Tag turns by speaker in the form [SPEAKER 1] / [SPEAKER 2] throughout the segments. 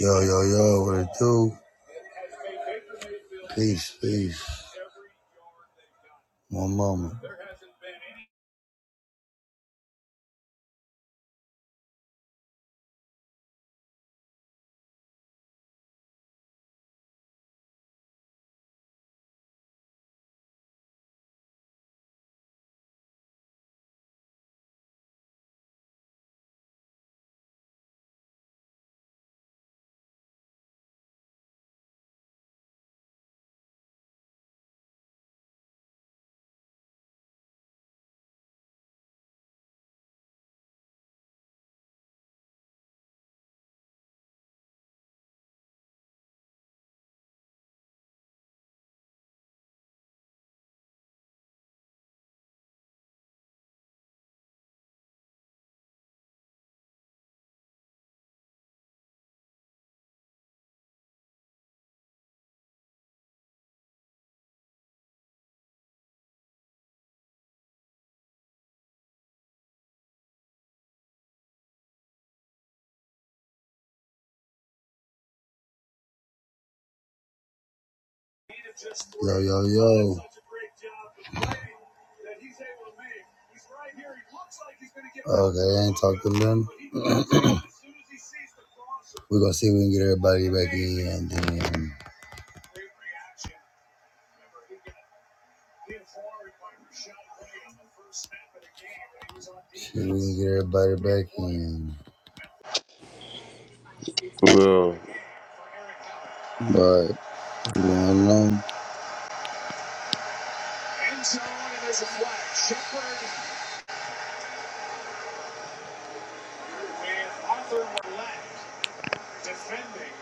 [SPEAKER 1] Yo, yo, yo, what it do? Peace, peace. One moment. Yo, yo, yo. Okay, I ain't talking to them. We're gonna see if we can get everybody back in and then. See if we can get everybody back in.
[SPEAKER 2] No,
[SPEAKER 1] But, what's know. End zone, and there's a flag. Shepard with Arthur Millette defending.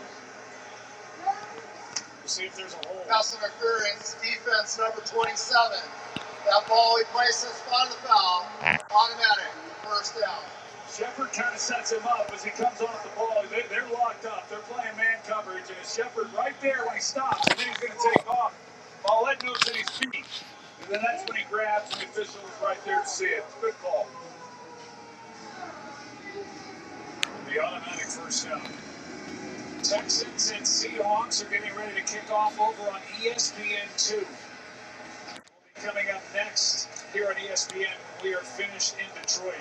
[SPEAKER 1] We'll see if there's a hole. Pass interference, defense number 27. That ball he places on the foul. Automatic, first down. Shepard kind of sets him up as he comes off the ball. They, they're locked up. They're playing man coverage, and it's Shepard right there when he stops, and then he's going to take off. Millette knows that he's feet. And then that's when he grabs, and the official is right there to see it. Good call. The automatic first down. Texans and Seahawks are getting ready to kick off over on ESPN2. Coming up next here on ESPN, we are finished in Detroit.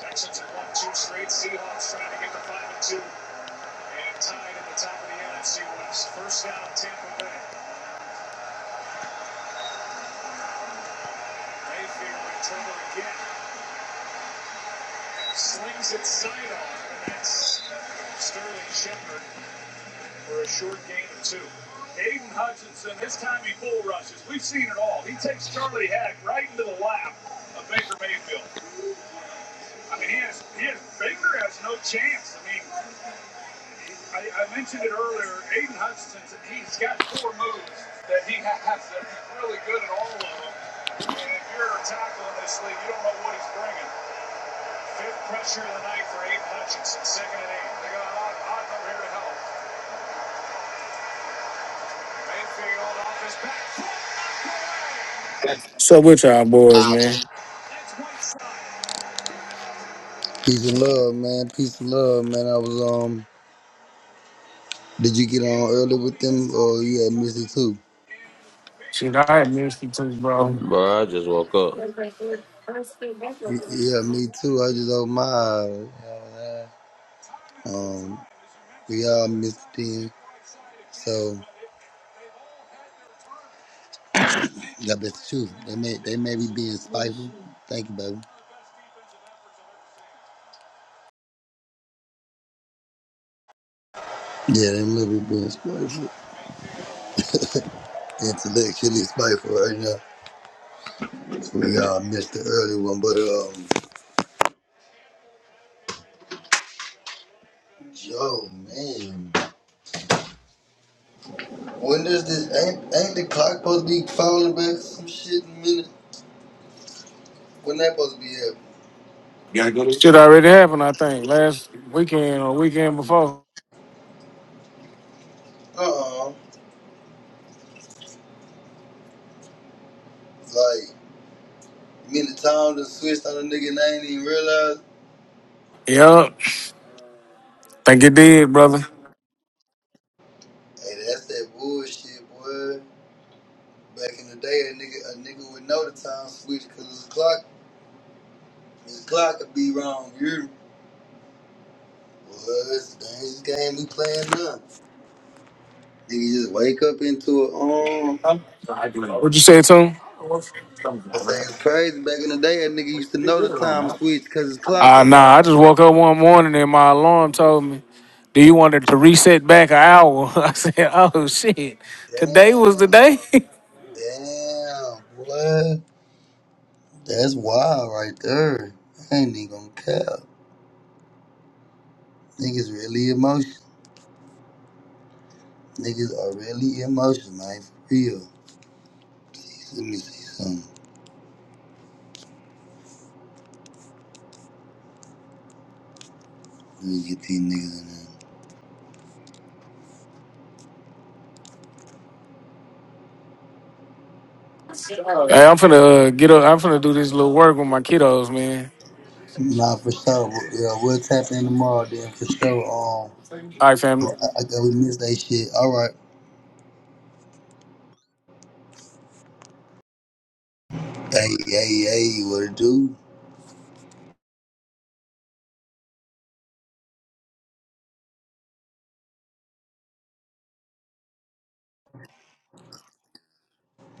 [SPEAKER 1] Texans are one, two straight. Seahawks trying to get to five and two and tied at the top of the NFC West. First down, Tampa Bay. Mayfield in trouble again. Slings it sidearm, and that's Sterling Shepard. for a short gain of two. Aiden Hutchinson, his timing bull rushes. We've seen it all. He takes Charlie Hack right into the lap of Baker Mayfield. I mean, he has, he has Baker has no chance. I mean, I, I mentioned it earlier. Aiden Hutchinson, he's got four moves that he has that he's really good at all of them. And if you're a tackle in this league, you don't know what he's bringing. Fifth pressure of the night for Aiden Hutchinson. Second and eight. They got Otten over here to help. Mayfield off his back.
[SPEAKER 3] What's up with y'all boys,
[SPEAKER 1] That's
[SPEAKER 3] man?
[SPEAKER 1] one Side. Peace and love, man. Peace and love, man. I was um. Did you get on early with them, or you had music too?
[SPEAKER 3] Shit, I had missed you too, bro.
[SPEAKER 2] bro, I just woke up.
[SPEAKER 1] Y- Yeah, me too. I just opened my eyes. Um, we all missed them. So yeah, that's the truth. They may they may be being spiteful. Thank you, baby. Yeah, they may be being spiteful, intellectually spiteful right now. We all missed the early one, but um, yo, man. When does this ain't ain't the clock supposed to be falling back some shit in minutes? When that supposed to be happening?
[SPEAKER 3] Gotta go to- Shit already happened, I think, last weekend or weekend before.
[SPEAKER 1] Uh uh Like me the time to switched on a nigga and I ain't even realize.
[SPEAKER 3] Yup, think it did, brother.
[SPEAKER 1] Hey, that's that bullshit, boy. Back in the day, a nigga a nigga would know the time switch because his clock his clock could be wrong. You well, it's a dangerous game we playing now. Nigga just wake up into a um.
[SPEAKER 3] What you say, to him?
[SPEAKER 1] I say it's crazy. Back in the day, a nigga used to know the time switch because his clock
[SPEAKER 3] Uh,
[SPEAKER 1] was
[SPEAKER 3] nah, I
[SPEAKER 1] wrong.
[SPEAKER 3] just woke up one morning and my alarm told me, do you want it to reset back an hour? I said, oh, shit, today was the day?
[SPEAKER 1] Damn.
[SPEAKER 3] hey,
[SPEAKER 1] Damn, boy. That's wild right there. I ain't even gonna cap. Niggas really emotional. Niggas are really emotional, man. For real. Let me see something. Let me get these niggas in there.
[SPEAKER 3] I'm finna uh, get up, I'm finna do this little work with my kiddos, man.
[SPEAKER 1] Nah, for sure. W- Yeah, we'll tap in tomorrow then for sure. Um,
[SPEAKER 3] All right, family.
[SPEAKER 1] I, I got we missed that shit. All right. Hey, hey, hey, what it do?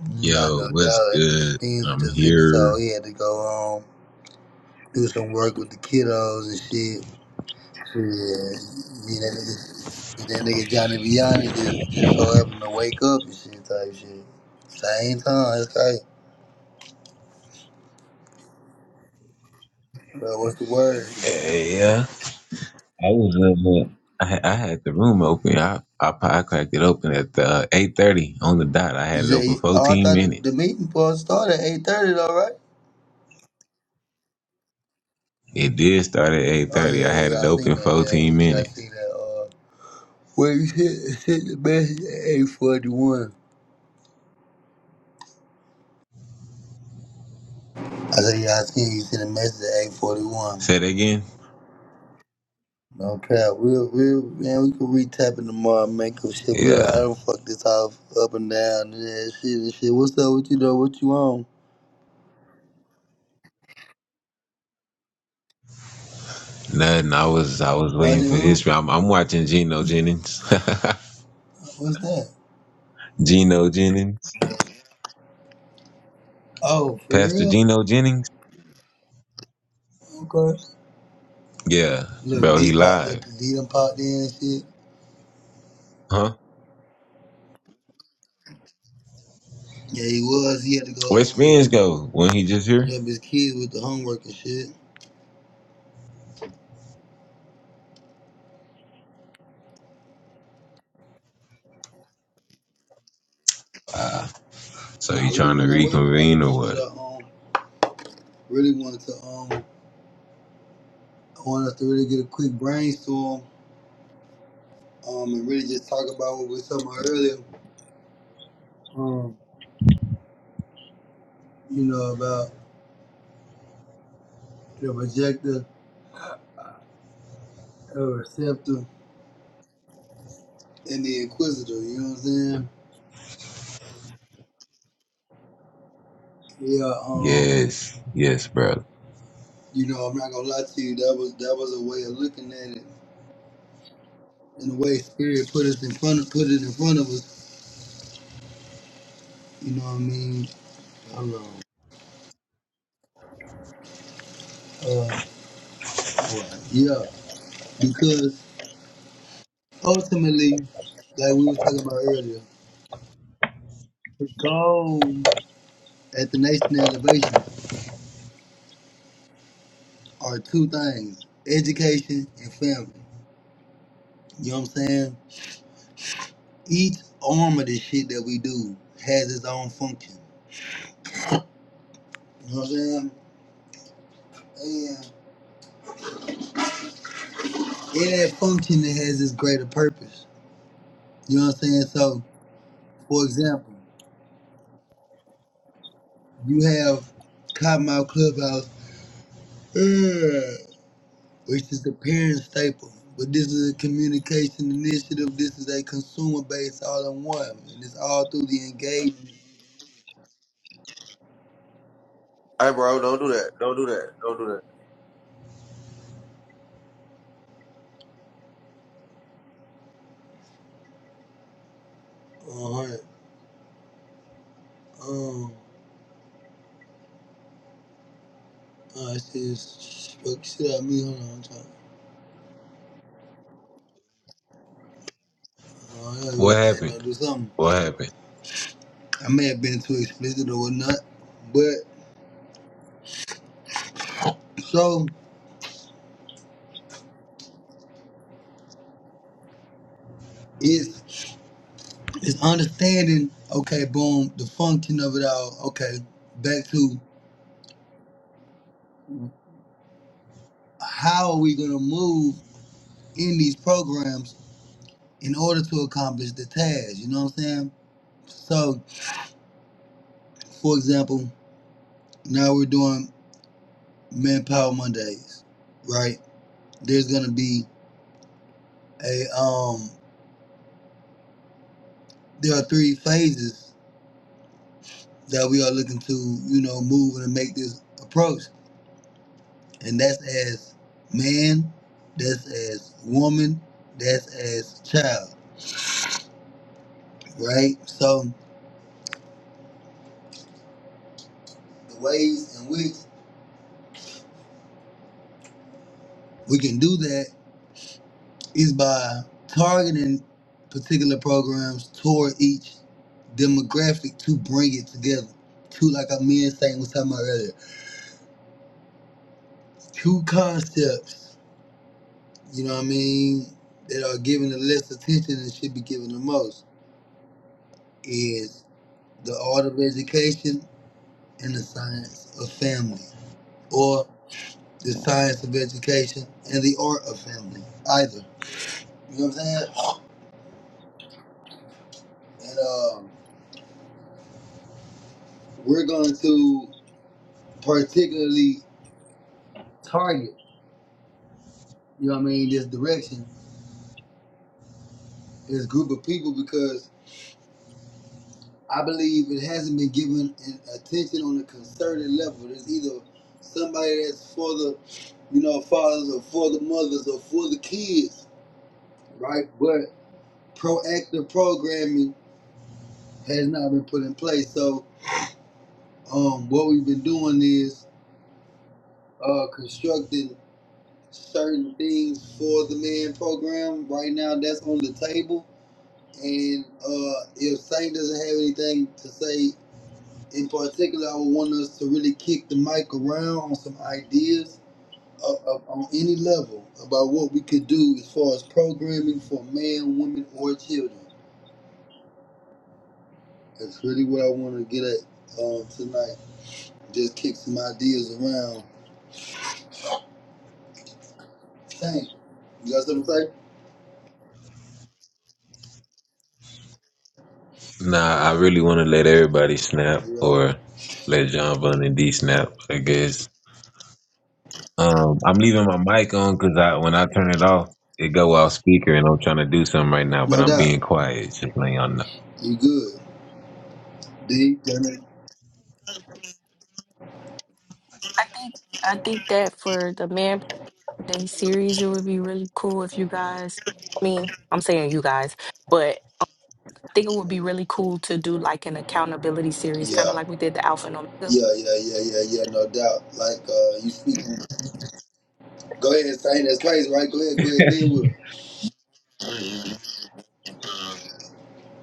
[SPEAKER 1] Mm, I
[SPEAKER 4] Yo,
[SPEAKER 1] no doubt
[SPEAKER 4] what's
[SPEAKER 1] that nigga
[SPEAKER 4] good?
[SPEAKER 1] Spins was
[SPEAKER 4] I'm
[SPEAKER 1] just in his
[SPEAKER 4] here.
[SPEAKER 1] hole. He had to go um do some work with the kiddos and shit. Shit, me and that nigga, me and that nigga Johnny Vianney just just so happened to wake up and shit type shit. Same time, it's like, bro, what's the word?
[SPEAKER 4] Hey, yeah. I, ha- I had the room open. I, I po- I cracked it open at uh, eight thirty on the dot. I
[SPEAKER 1] You
[SPEAKER 4] had it open
[SPEAKER 1] say, oh, I thought
[SPEAKER 4] fourteen
[SPEAKER 1] the, the
[SPEAKER 4] minutes.
[SPEAKER 1] meeting supposed to start at eight thirty, though, right?
[SPEAKER 4] It did start at eight
[SPEAKER 1] Oh yeah,
[SPEAKER 4] thirty. I
[SPEAKER 1] yeah,
[SPEAKER 4] had it
[SPEAKER 1] yeah, I
[SPEAKER 4] open
[SPEAKER 1] seen that. Yeah, we
[SPEAKER 4] fourteen
[SPEAKER 1] see, I
[SPEAKER 4] minutes.
[SPEAKER 1] see that. Uh, where you sent, sent the message at eight forty one? I said, yeah, I seen you sent a message at eight forty one.
[SPEAKER 4] Say that again.
[SPEAKER 1] No pal, we'll we man, we can retap in tomorrow, man. Cause shit, we don't,
[SPEAKER 4] Yeah,
[SPEAKER 1] I don't fuck this house up and down and that shit and shit. What's up with you though? What you on?
[SPEAKER 4] nothing. I was I was waiting
[SPEAKER 1] Watching
[SPEAKER 4] for
[SPEAKER 1] who?
[SPEAKER 4] this. I'm, I'm watching Geno Jennings.
[SPEAKER 1] What's that?
[SPEAKER 4] Geno Jennings,
[SPEAKER 1] Oh, for
[SPEAKER 4] Pastor
[SPEAKER 1] real?
[SPEAKER 4] Geno Jennings.
[SPEAKER 1] Okay.
[SPEAKER 4] Yeah,
[SPEAKER 1] Look,
[SPEAKER 4] bro,
[SPEAKER 1] D
[SPEAKER 4] he
[SPEAKER 1] pop,
[SPEAKER 4] live,
[SPEAKER 1] D done popped in and shit.
[SPEAKER 4] huh?
[SPEAKER 1] Yeah, he was. He had to go
[SPEAKER 4] Where's would Spence
[SPEAKER 1] um
[SPEAKER 4] go? When he just here?
[SPEAKER 1] help his kids with the homework and shit.
[SPEAKER 4] Wow. So
[SPEAKER 1] Nah,
[SPEAKER 4] you
[SPEAKER 1] we can
[SPEAKER 4] trying to
[SPEAKER 1] run that way. if We want
[SPEAKER 4] reconvene
[SPEAKER 1] some
[SPEAKER 4] or
[SPEAKER 1] shit.
[SPEAKER 4] what?
[SPEAKER 1] I um really wanted to um I wanted us to really get a quick brainstorm um and really just talk about what we were talking about earlier. Um, you know, about the projector, the receptor, and the inquisitor, you know what I'm saying? Yeah, um,
[SPEAKER 4] Yes, yes, bro.
[SPEAKER 1] you know, I'm not gonna lie to you, that was that was a way of looking at it. And the way spirit put us in front of put it in front of us, you know what I mean? Hold on. Uh all right. Yeah. Because ultimately, like we were talking about earlier, the goal at the nation elevation are two things, education and family. You know what I'm saying? each arm of this shit that we do has its own function. You know what I'm saying? And in that function, it has its greater purpose. You know what I'm saying? So, for example, you have Cottonmouth Clubhouse, uh, which is the parent staple. But this is a communication initiative. This is a consumer based all in one. And it's all through the engagement.
[SPEAKER 2] Hey, bro, don't do that. Don't do that. Don't do that.
[SPEAKER 1] Uh huh. Um, uh, it's just, fuck shit out of me. Hold on. I'm trying. Uh, I know you were
[SPEAKER 4] What
[SPEAKER 1] saying,
[SPEAKER 4] happened?
[SPEAKER 1] don't do something.
[SPEAKER 4] What happened?
[SPEAKER 1] I may have been too explicit or whatnot, but so it's it's understanding. Okay, boom, the function of it all. Okay, back to how are we gonna move in these programs in order to accomplish the task? You know what I'm saying? So, for example, now we're doing Manpower Mondays, right? There's gonna be a um. There are three phases that we are looking to, you know, move and make this approach. and that's as man, that's as woman, that's as child, right? So the ways in which we can do that is by targeting particular programs toward each demographic to bring it together. Two, like I men saying was talking about earlier, two concepts, you know what I mean, that are given the less attention and should be given the most is the art of education and the science of family. or the science of education, and the art of family. Either. You know what I'm saying? And um, we're going to particularly target, you know what I mean, this direction, this group of people because I believe it hasn't been given an attention on a concerted level. There's either somebody that's for the, you know, fathers or for the mothers or for the kids, right? But proactive programming has not been put in place. So um, what we've been doing is uh, constructing certain things for the man program. Right now, that's on the table. And uh, if Saint doesn't have anything to say in particular, I would want us to really kick the mic around on some ideas uh, uh, on any level about what we could do as far as programming for men, women, or children. That's really what I want to get at uh, tonight. Just kick some ideas around. Saint, you got something to say?
[SPEAKER 4] Nah, I really want to let everybody snap
[SPEAKER 1] Yeah,
[SPEAKER 4] or let John Bun and D snap. I guess. Um, I'm leaving my mic on because I when I turn it off, it go off speaker, and I'm trying to do something right now, but
[SPEAKER 1] no
[SPEAKER 4] I'm
[SPEAKER 1] doubt.
[SPEAKER 4] being quiet. Just letting y'all know.
[SPEAKER 1] You good. D, Dennis.
[SPEAKER 5] I think I think that for the Man Day series, it would be really cool if you guys. I mean, I'm saying you guys, but I think it would be really cool to do like an accountability series,
[SPEAKER 1] Yeah,
[SPEAKER 5] kind of like we did the Alpha and Omega
[SPEAKER 1] yeah, yeah, yeah, yeah, yeah, no doubt. Like, uh, you speaking. Go ahead, saying that's crazy, right? Go ahead, go ahead, be with her.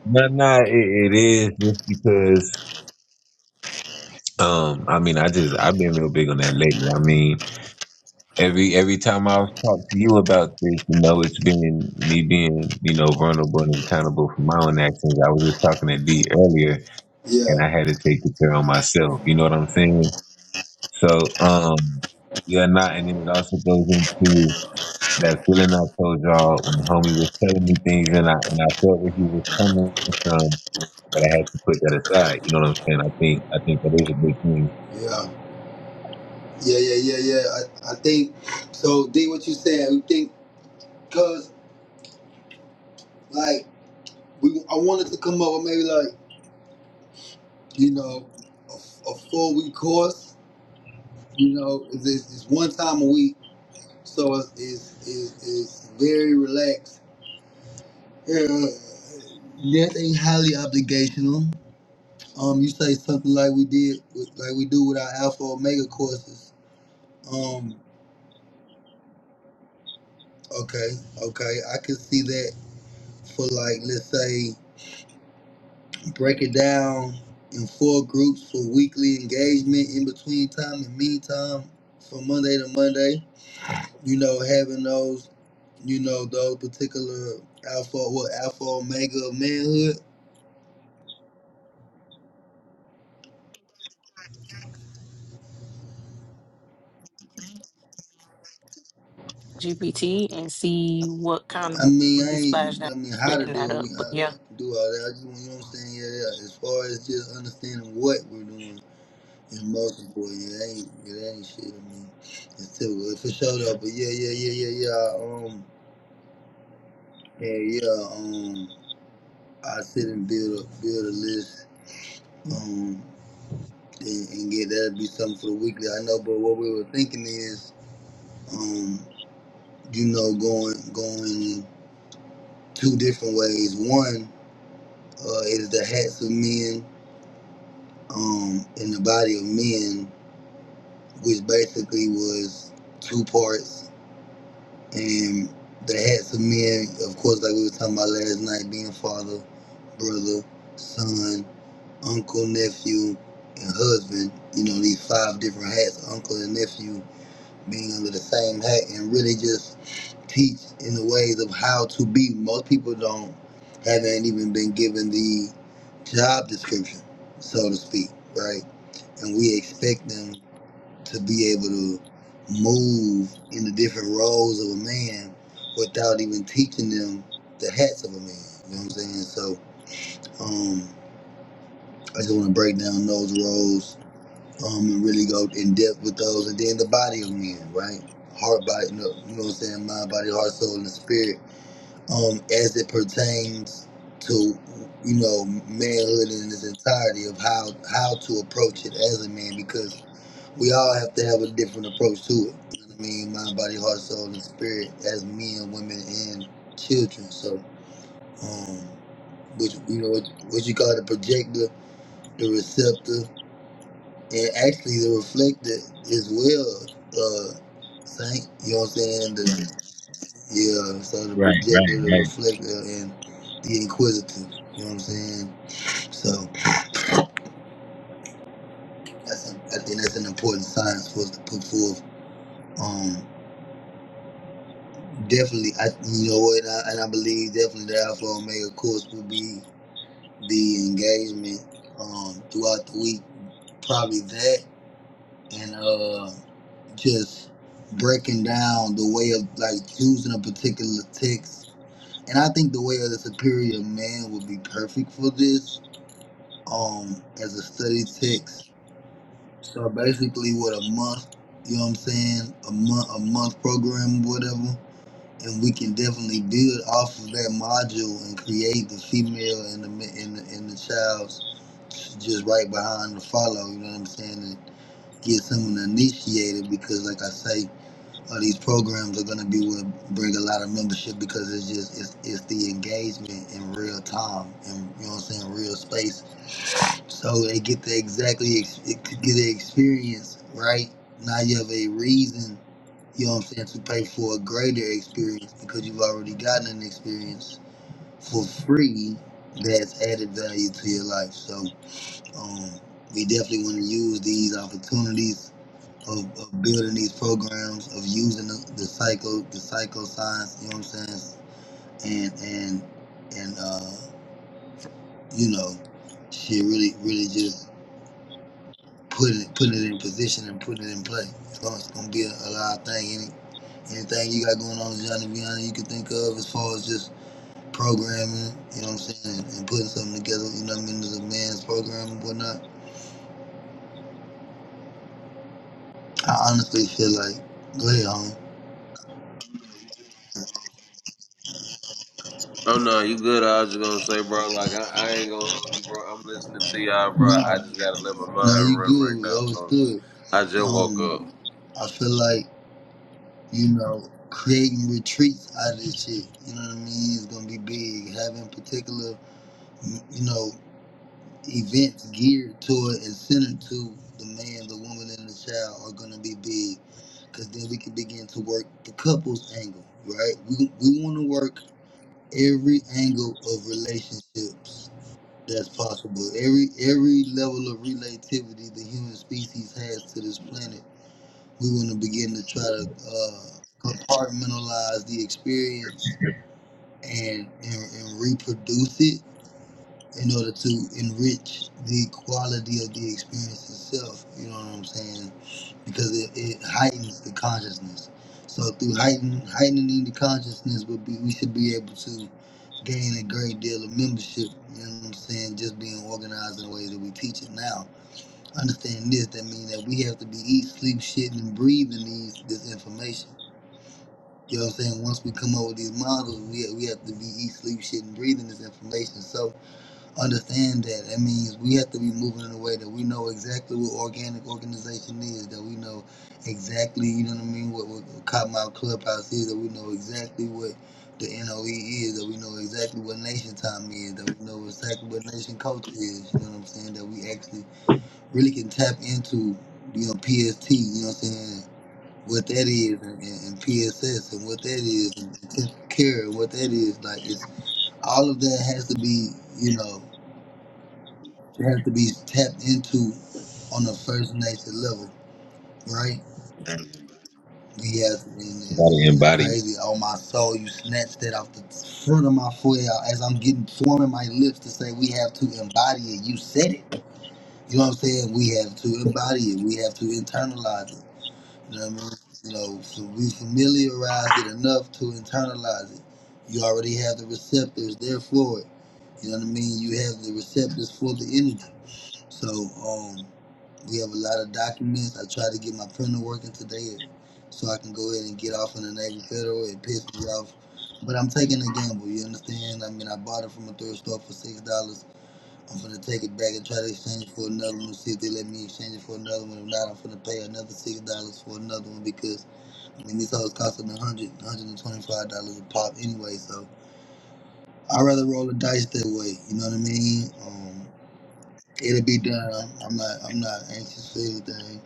[SPEAKER 4] No, no, it, it is just because. Um, I mean, I just I've been real big on that lately. I mean, Every every time I've talked to you about this, you know, it's been me being, you know, vulnerable and accountable for my own actions. I was just talking to D earlier and I
[SPEAKER 1] Yeah,
[SPEAKER 4] had to take the care on myself. You know what I'm saying? So, um, yeah, not, and then it also goes into that feeling I told y'all when homie was telling me things and I, and I felt where he was coming from, but I had to put that aside. You know what I'm saying? I think, I think that is a big thing.
[SPEAKER 1] yeah, yeah, yeah, yeah, yeah. I, I think, so D, what you saying, you think, cause, like, we, I wanted to come up with maybe like, you know, a, a four week course, you know, it's, it's, it's one time a week. So it's, it's, it's, it's very relaxed. Yeah, nothing highly obligational. Um, you say something like we did, with- like we do with our Alpha Omega courses. Um, okay, okay, I could see that for like let's say break it down in four groups for weekly engagement in between time and meantime from Monday to Monday. You know, having those, you know, those particular alpha what alpha omega of manhood.
[SPEAKER 5] GPT, and see what kind of
[SPEAKER 1] I mean,
[SPEAKER 5] we
[SPEAKER 1] I
[SPEAKER 5] can splash
[SPEAKER 1] ain't.
[SPEAKER 5] that,
[SPEAKER 1] I mean, how to
[SPEAKER 5] splitting
[SPEAKER 1] do
[SPEAKER 5] that
[SPEAKER 1] it? We
[SPEAKER 5] up. But
[SPEAKER 1] I,
[SPEAKER 5] yeah.
[SPEAKER 1] I can do all that. I just want you know what I'm saying. Yeah, yeah. As far as just understanding what we're doing. It's multiple. It ain't. It ain't shit. I mean, it's typical for sure though. But yeah, yeah, yeah, yeah, yeah. Um, yeah, yeah. Um, I sit and build a build a list. Um, and, and get that'd be something for the weekly. I know, but what we were thinking is, um, you know, going going two different ways. One uh, is the hats of men, um, and the body of men, which basically was two parts and the hats of men, of course, like we were talking about last night, being father, brother, son, uncle, nephew, and husband. You know, these five different hats, uncle and nephew, being under the same hat, and really just teach in the ways of how to be. Most people don't haven't even been given the job description, so to speak, right? And we expect them to be able to move in the different roles of a man without even teaching them the hats of a man. You know what I'm saying? So um, I just want to break down those roles um, and really go in depth with those, and then the body of men, right? Heart, body, you know, you know what I'm saying? Mind, body, heart, soul, and spirit. Um, as it pertains to you know manhood in its entirety of how how to approach it as a man, because we all have to have a different approach to it. You know what I mean? Mind, body, heart, soul, and spirit as men, women, and children. So, um, which, you know, what, what you call the projector, the receptor, and actually the reflector as well, uh, Saint. You know what I'm saying? The, yeah, so the
[SPEAKER 4] Right, right,
[SPEAKER 1] projector, the
[SPEAKER 4] right.
[SPEAKER 1] reflector, and the inquisitive. You know what I'm saying? So, that's, I think that's an important science for us to put forth. Um, Definitely, I you know what, and I, and I believe definitely the Alpha Omega course will be the engagement um, throughout the week. Probably that, and uh, just breaking down the way of like choosing a particular text. And I think the way of the superior man would be perfect for this um, as a study text. So basically, what a month, you know what I'm saying? A month, a month program, whatever and we can definitely build off of that module and create the female and the ma- and the, and the child's just right behind the follow. You know what I'm saying? And get someone initiated because, like I say, all these programs are gonna be what bring a lot of membership because it's just it's it's the engagement in real time and you know what I'm saying, real space so they get the exactly get the experience right. Now you have a reason, you know what I'm saying, to pay for a greater experience because you've already gotten an experience for free that's added value to your life. So um, we definitely want to use these opportunities of, of building these programs of using the, the psycho the psychoscience. You know what I'm saying, and and and uh, you know, shit really really just put it put it in position and putting it in play. So it's gonna be a, a lot of thing. Any, anything you got going on, Johnny Viana, you can think of as far as just programming, you know what I'm saying, and, and putting something together, you know what I mean, as a man's program and whatnot. I honestly feel like, go ahead, homie.
[SPEAKER 2] Oh no, you good? I was just gonna say, bro, like I, I ain't gonna hold you, bro. I'm listening to y'all, bro.
[SPEAKER 1] Nah,
[SPEAKER 2] I just gotta let my
[SPEAKER 1] nah,
[SPEAKER 2] mind
[SPEAKER 1] you
[SPEAKER 2] run
[SPEAKER 1] good.
[SPEAKER 2] right
[SPEAKER 1] We
[SPEAKER 2] now. Bro.
[SPEAKER 1] understood.
[SPEAKER 2] I just woke
[SPEAKER 1] Um, I feel like, you know, creating retreats out of this shit, you know what I mean, is gonna be big. Having particular, you know, events geared to it and centered to the man, the woman, and the child are going to be big because then we can begin to work the couples angle, right? We, we want to work every angle of relationships that's possible. Every every level of relativity the human species has to this planet, we want to begin to try to uh, compartmentalize the experience and, and and reproduce it in order to enrich the quality of the experience itself. You know what I'm saying? Because it, it heightens the consciousness. So through heighten, heightening the consciousness, would be we should be able to gain a great deal of membership. You know what I'm saying? Just being organized in the way that we teach it now. Understand this? That means that we have to be eat, sleep, shitting, and breathing these this information. You know what I'm saying? Once we come up with these models, we have, we have to be eat, sleep, shit, shitting, breathing this information. So understand that. That means we have to be moving in a way that we know exactly what organic organization is, that we know exactly, you know what I mean, what, what Cottonmouth Clubhouse is, that we know exactly what the NOE is, that we know exactly what Nation Time is, that we know exactly what Nation Culture is, you know what I'm saying, that we actually really can tap into, you know, PST, you know what I'm saying, what that is and, and, and PSS and what that is and intensive care and what that is. Like, it's all of that has to be, you know, you have to be tapped into on a first nature level, right? We have, and
[SPEAKER 4] You gotta
[SPEAKER 1] it's
[SPEAKER 4] embody
[SPEAKER 1] crazy. Oh, my soul, you snatched that off the front of my forehead as I'm getting forming my lips to say we have to embody it. You said it. You know what I'm saying? We have to embody it. We have to internalize it. You know what I mean? You know, so we familiarized it enough to internalize it. You already have the receptors there for it. You know what I mean? You have the receptors for the energy. So um, we have a lot of documents. I tried to get my printer working today, so I can go ahead and get off on the Navy Federal. It pissed me off, but I'm taking a gamble. You understand? I mean, I bought it from a thrift store for six dollars. I'm gonna take it back and try to exchange it for another one. See if they let me exchange it for another one. If not, I'm gonna pay another six dollars for another one because I mean these hoes costing a hundred, dollars, one hundred and twenty-five dollars a pop anyway. So I'd rather roll the dice that way. You know what I mean? Um, It'll be done. I'm not. I'm not anxious for anything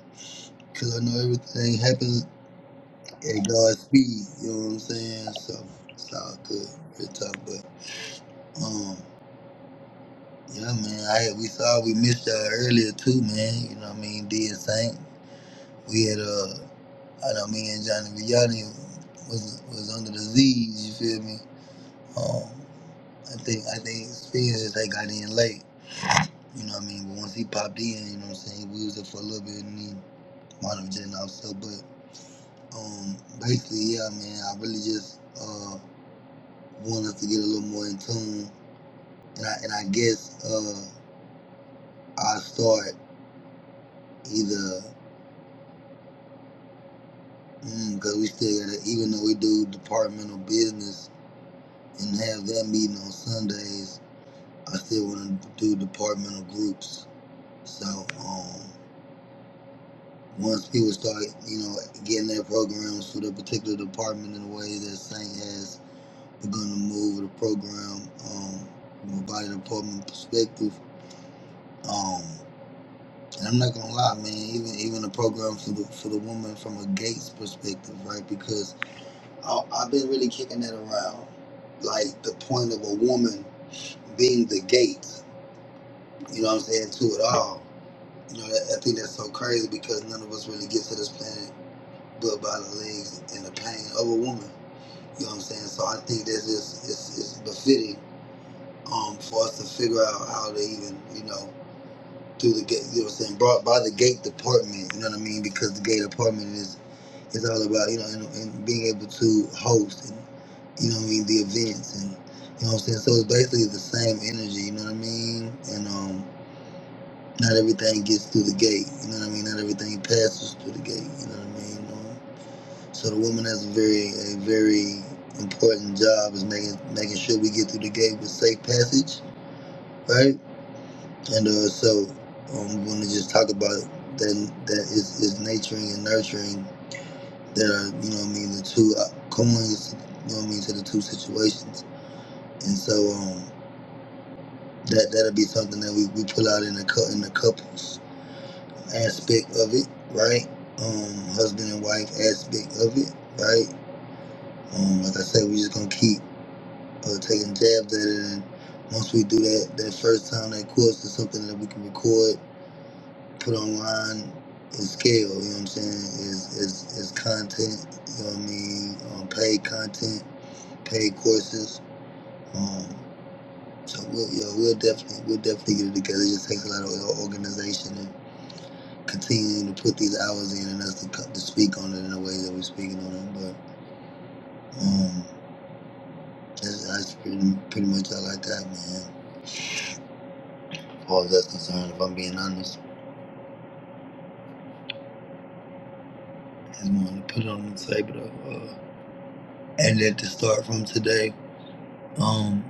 [SPEAKER 1] because I know everything happens at God's speed. You know what I'm saying? So it's all good. Real talk, but um, yeah, man. I had, we saw we missed y'all earlier too, man. You know what I mean? Did Saint. We had uh, I know me and Johnny Vianney was was under disease. You feel me? Um, I think I think Spence just they got in late. You know what I mean? But once he popped in, you know what I'm saying? We was there for a little bit and then might have jetting off so but Um, basically, yeah, man. I really just uh want us to get a little more in tune, and I and I guess uh I start either because mm, we still gotta, even though we do departmental business and have that meeting on Sundays, I still want to do departmental groups. So um, once people start, you know, getting their programs for the particular department in the way that Saint has, we're gonna move the program um, from a body department perspective Um, and I'm not gonna lie, man. Even even the program for the for the woman from a Gates perspective, right? Because I, I've been really kicking that around, like the point of a woman being the gate. You know what I'm saying to it all. You know, that, I think that's so crazy because none of us really get to this planet but by the legs and the pain of a woman. You know what I'm saying? So I think that's just it's, it's befitting um, for us to figure out how to even you know through the gate, you know what I'm saying, brought by the gate department, you know what I mean? Because the gate department is is all about, you know, and, and being able to host and you know what I mean, the events and you know what I'm saying? So it's basically the same energy, you know what I mean? And um not everything gets through the gate, you know what I mean? Not everything passes through the gate, you know what I mean? Um, so the woman has a very a very important job is making making sure we get through the gate with safe passage, right? And uh, so I'm going to just talk about that that is, is nurturing and nurturing that are you know what I mean the two uh, coins you know what I mean to the two situations. And so um that that'll be something that we, we pull out in the cou- in the couples aspect of it, right? Um, husband and wife aspect of it, right? Um, like I said, we are just gonna keep uh, taking jabs at it, and once we do that that first time that course is something that we can record put online is scale, you know what I'm saying? Is is is content, you know what I mean? Um, paid content, paid courses. Um, so we'll you know, we'll definitely we'll definitely get it together. It just takes a lot of organization and continuing to put these hours in and us to, co- to speak on it in a way that we're speaking on it. But um, that's, that's pretty pretty much all I got, man. As far as that's concerned, if I'm being honest, I just wanted to put it on the table, uh, and that to start from today. Um,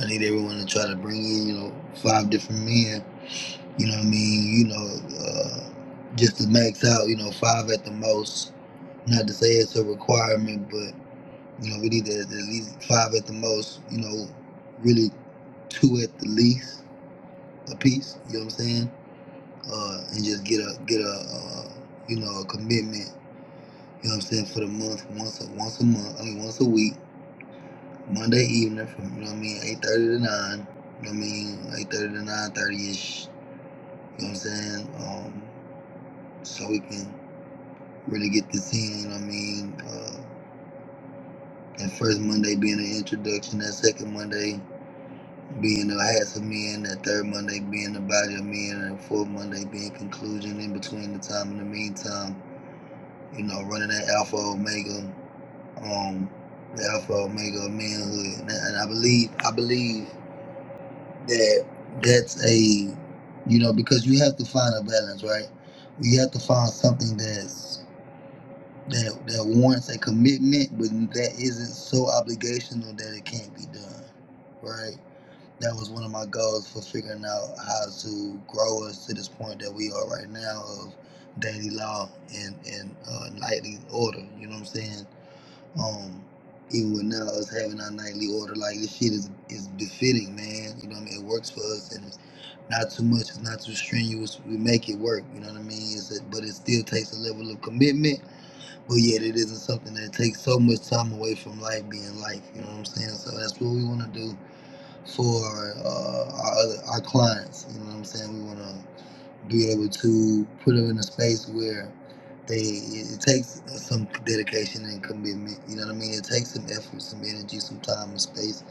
[SPEAKER 1] I need everyone to try to bring in, you know, five different men. You know what I mean? You know, uh, just to max out, you know, five at the most. Not to say it's a requirement, but you know, we need at at least five at the most. You know, really two at the least a piece. You know what I'm saying? Uh, and just get a get a uh, you know a commitment. You know what I'm saying for the month once a, once a month. I mean once a week. Monday evening from, you know what I mean, 8.30 to 9, you know what I mean, 8.30 to 9.30ish, you know what I'm saying, um, so we can really get this in, you know what I mean, uh, that first Monday being an introduction, that second Monday being the hats of men, that third Monday being the body of men, and the fourth Monday being conclusion in between the time and the meantime, you know, running that alpha omega, um, the alpha omega of manhood, and I, and I believe, I believe that that's a you know because you have to find a balance right you have to find something that's that that warrants a commitment but that isn't so obligational that it can't be done right that was one of my goals for figuring out how to grow us to this point that we are right now of daily law and and uh, nightly order you know what i'm saying um, even with now us having our nightly order, like this shit is is befitting, man. You know what I mean? It works for us, and it's not too much, it's not too strenuous. We make it work. You know what I mean? It's a, but it still takes a level of commitment. But yet, it isn't something that takes so much time away from life being life. You know what I'm saying? So that's what we want to do for uh, our other, our clients. You know what I'm saying? We want to be able to put them in a space where they it takes some dedication and commitment. You know what I mean? It takes some effort, some energy, some time and space,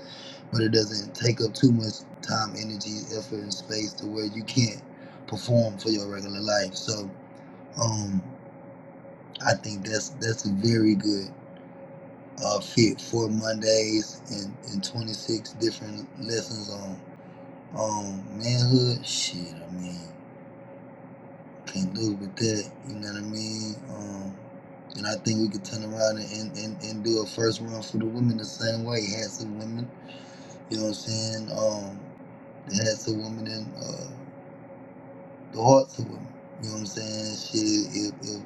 [SPEAKER 1] but it doesn't take up too much time, energy, effort, and space to where you can't perform for your regular life. So, um, I think that's that's a very good uh, fit for Mondays and, and 26 different lessons on um manhood. Shit, I mean. can do with that. You know what I mean? Um, and I think we could turn around and, and, and, do a first round for the women the same way. Had some women, you know what I'm saying? Um, they had some women in uh, the hearts of women. You know what I'm saying? Shit, if, if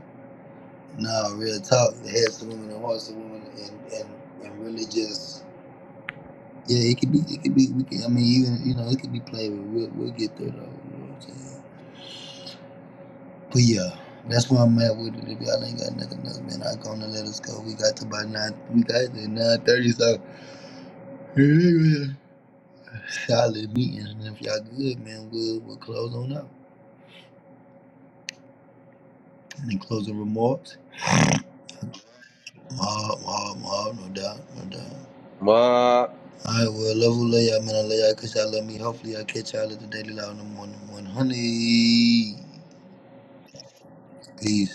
[SPEAKER 1] nah, real talk, they had some women in hearts of women, and, and and really just yeah, it could be, it could be, we can. I mean, even you know, it could be played with. We'll, we'll get there though. You know what I'm saying? But yeah, that's where I'm at with it. If y'all ain't got nothing else, man, I'm gonna let us go. We got to by nine. We got to nine thirty. So solid meetings. And if y'all good, man, we'll we'll close on up. Any closing remarks? Mob, mob, mob, no doubt, no doubt.
[SPEAKER 2] up.
[SPEAKER 1] All right, well, love who love y'all, man. I love y'all because y'all love me. Hopefully, I catch y'all at the Daily Loud in the morning. 100. Peace.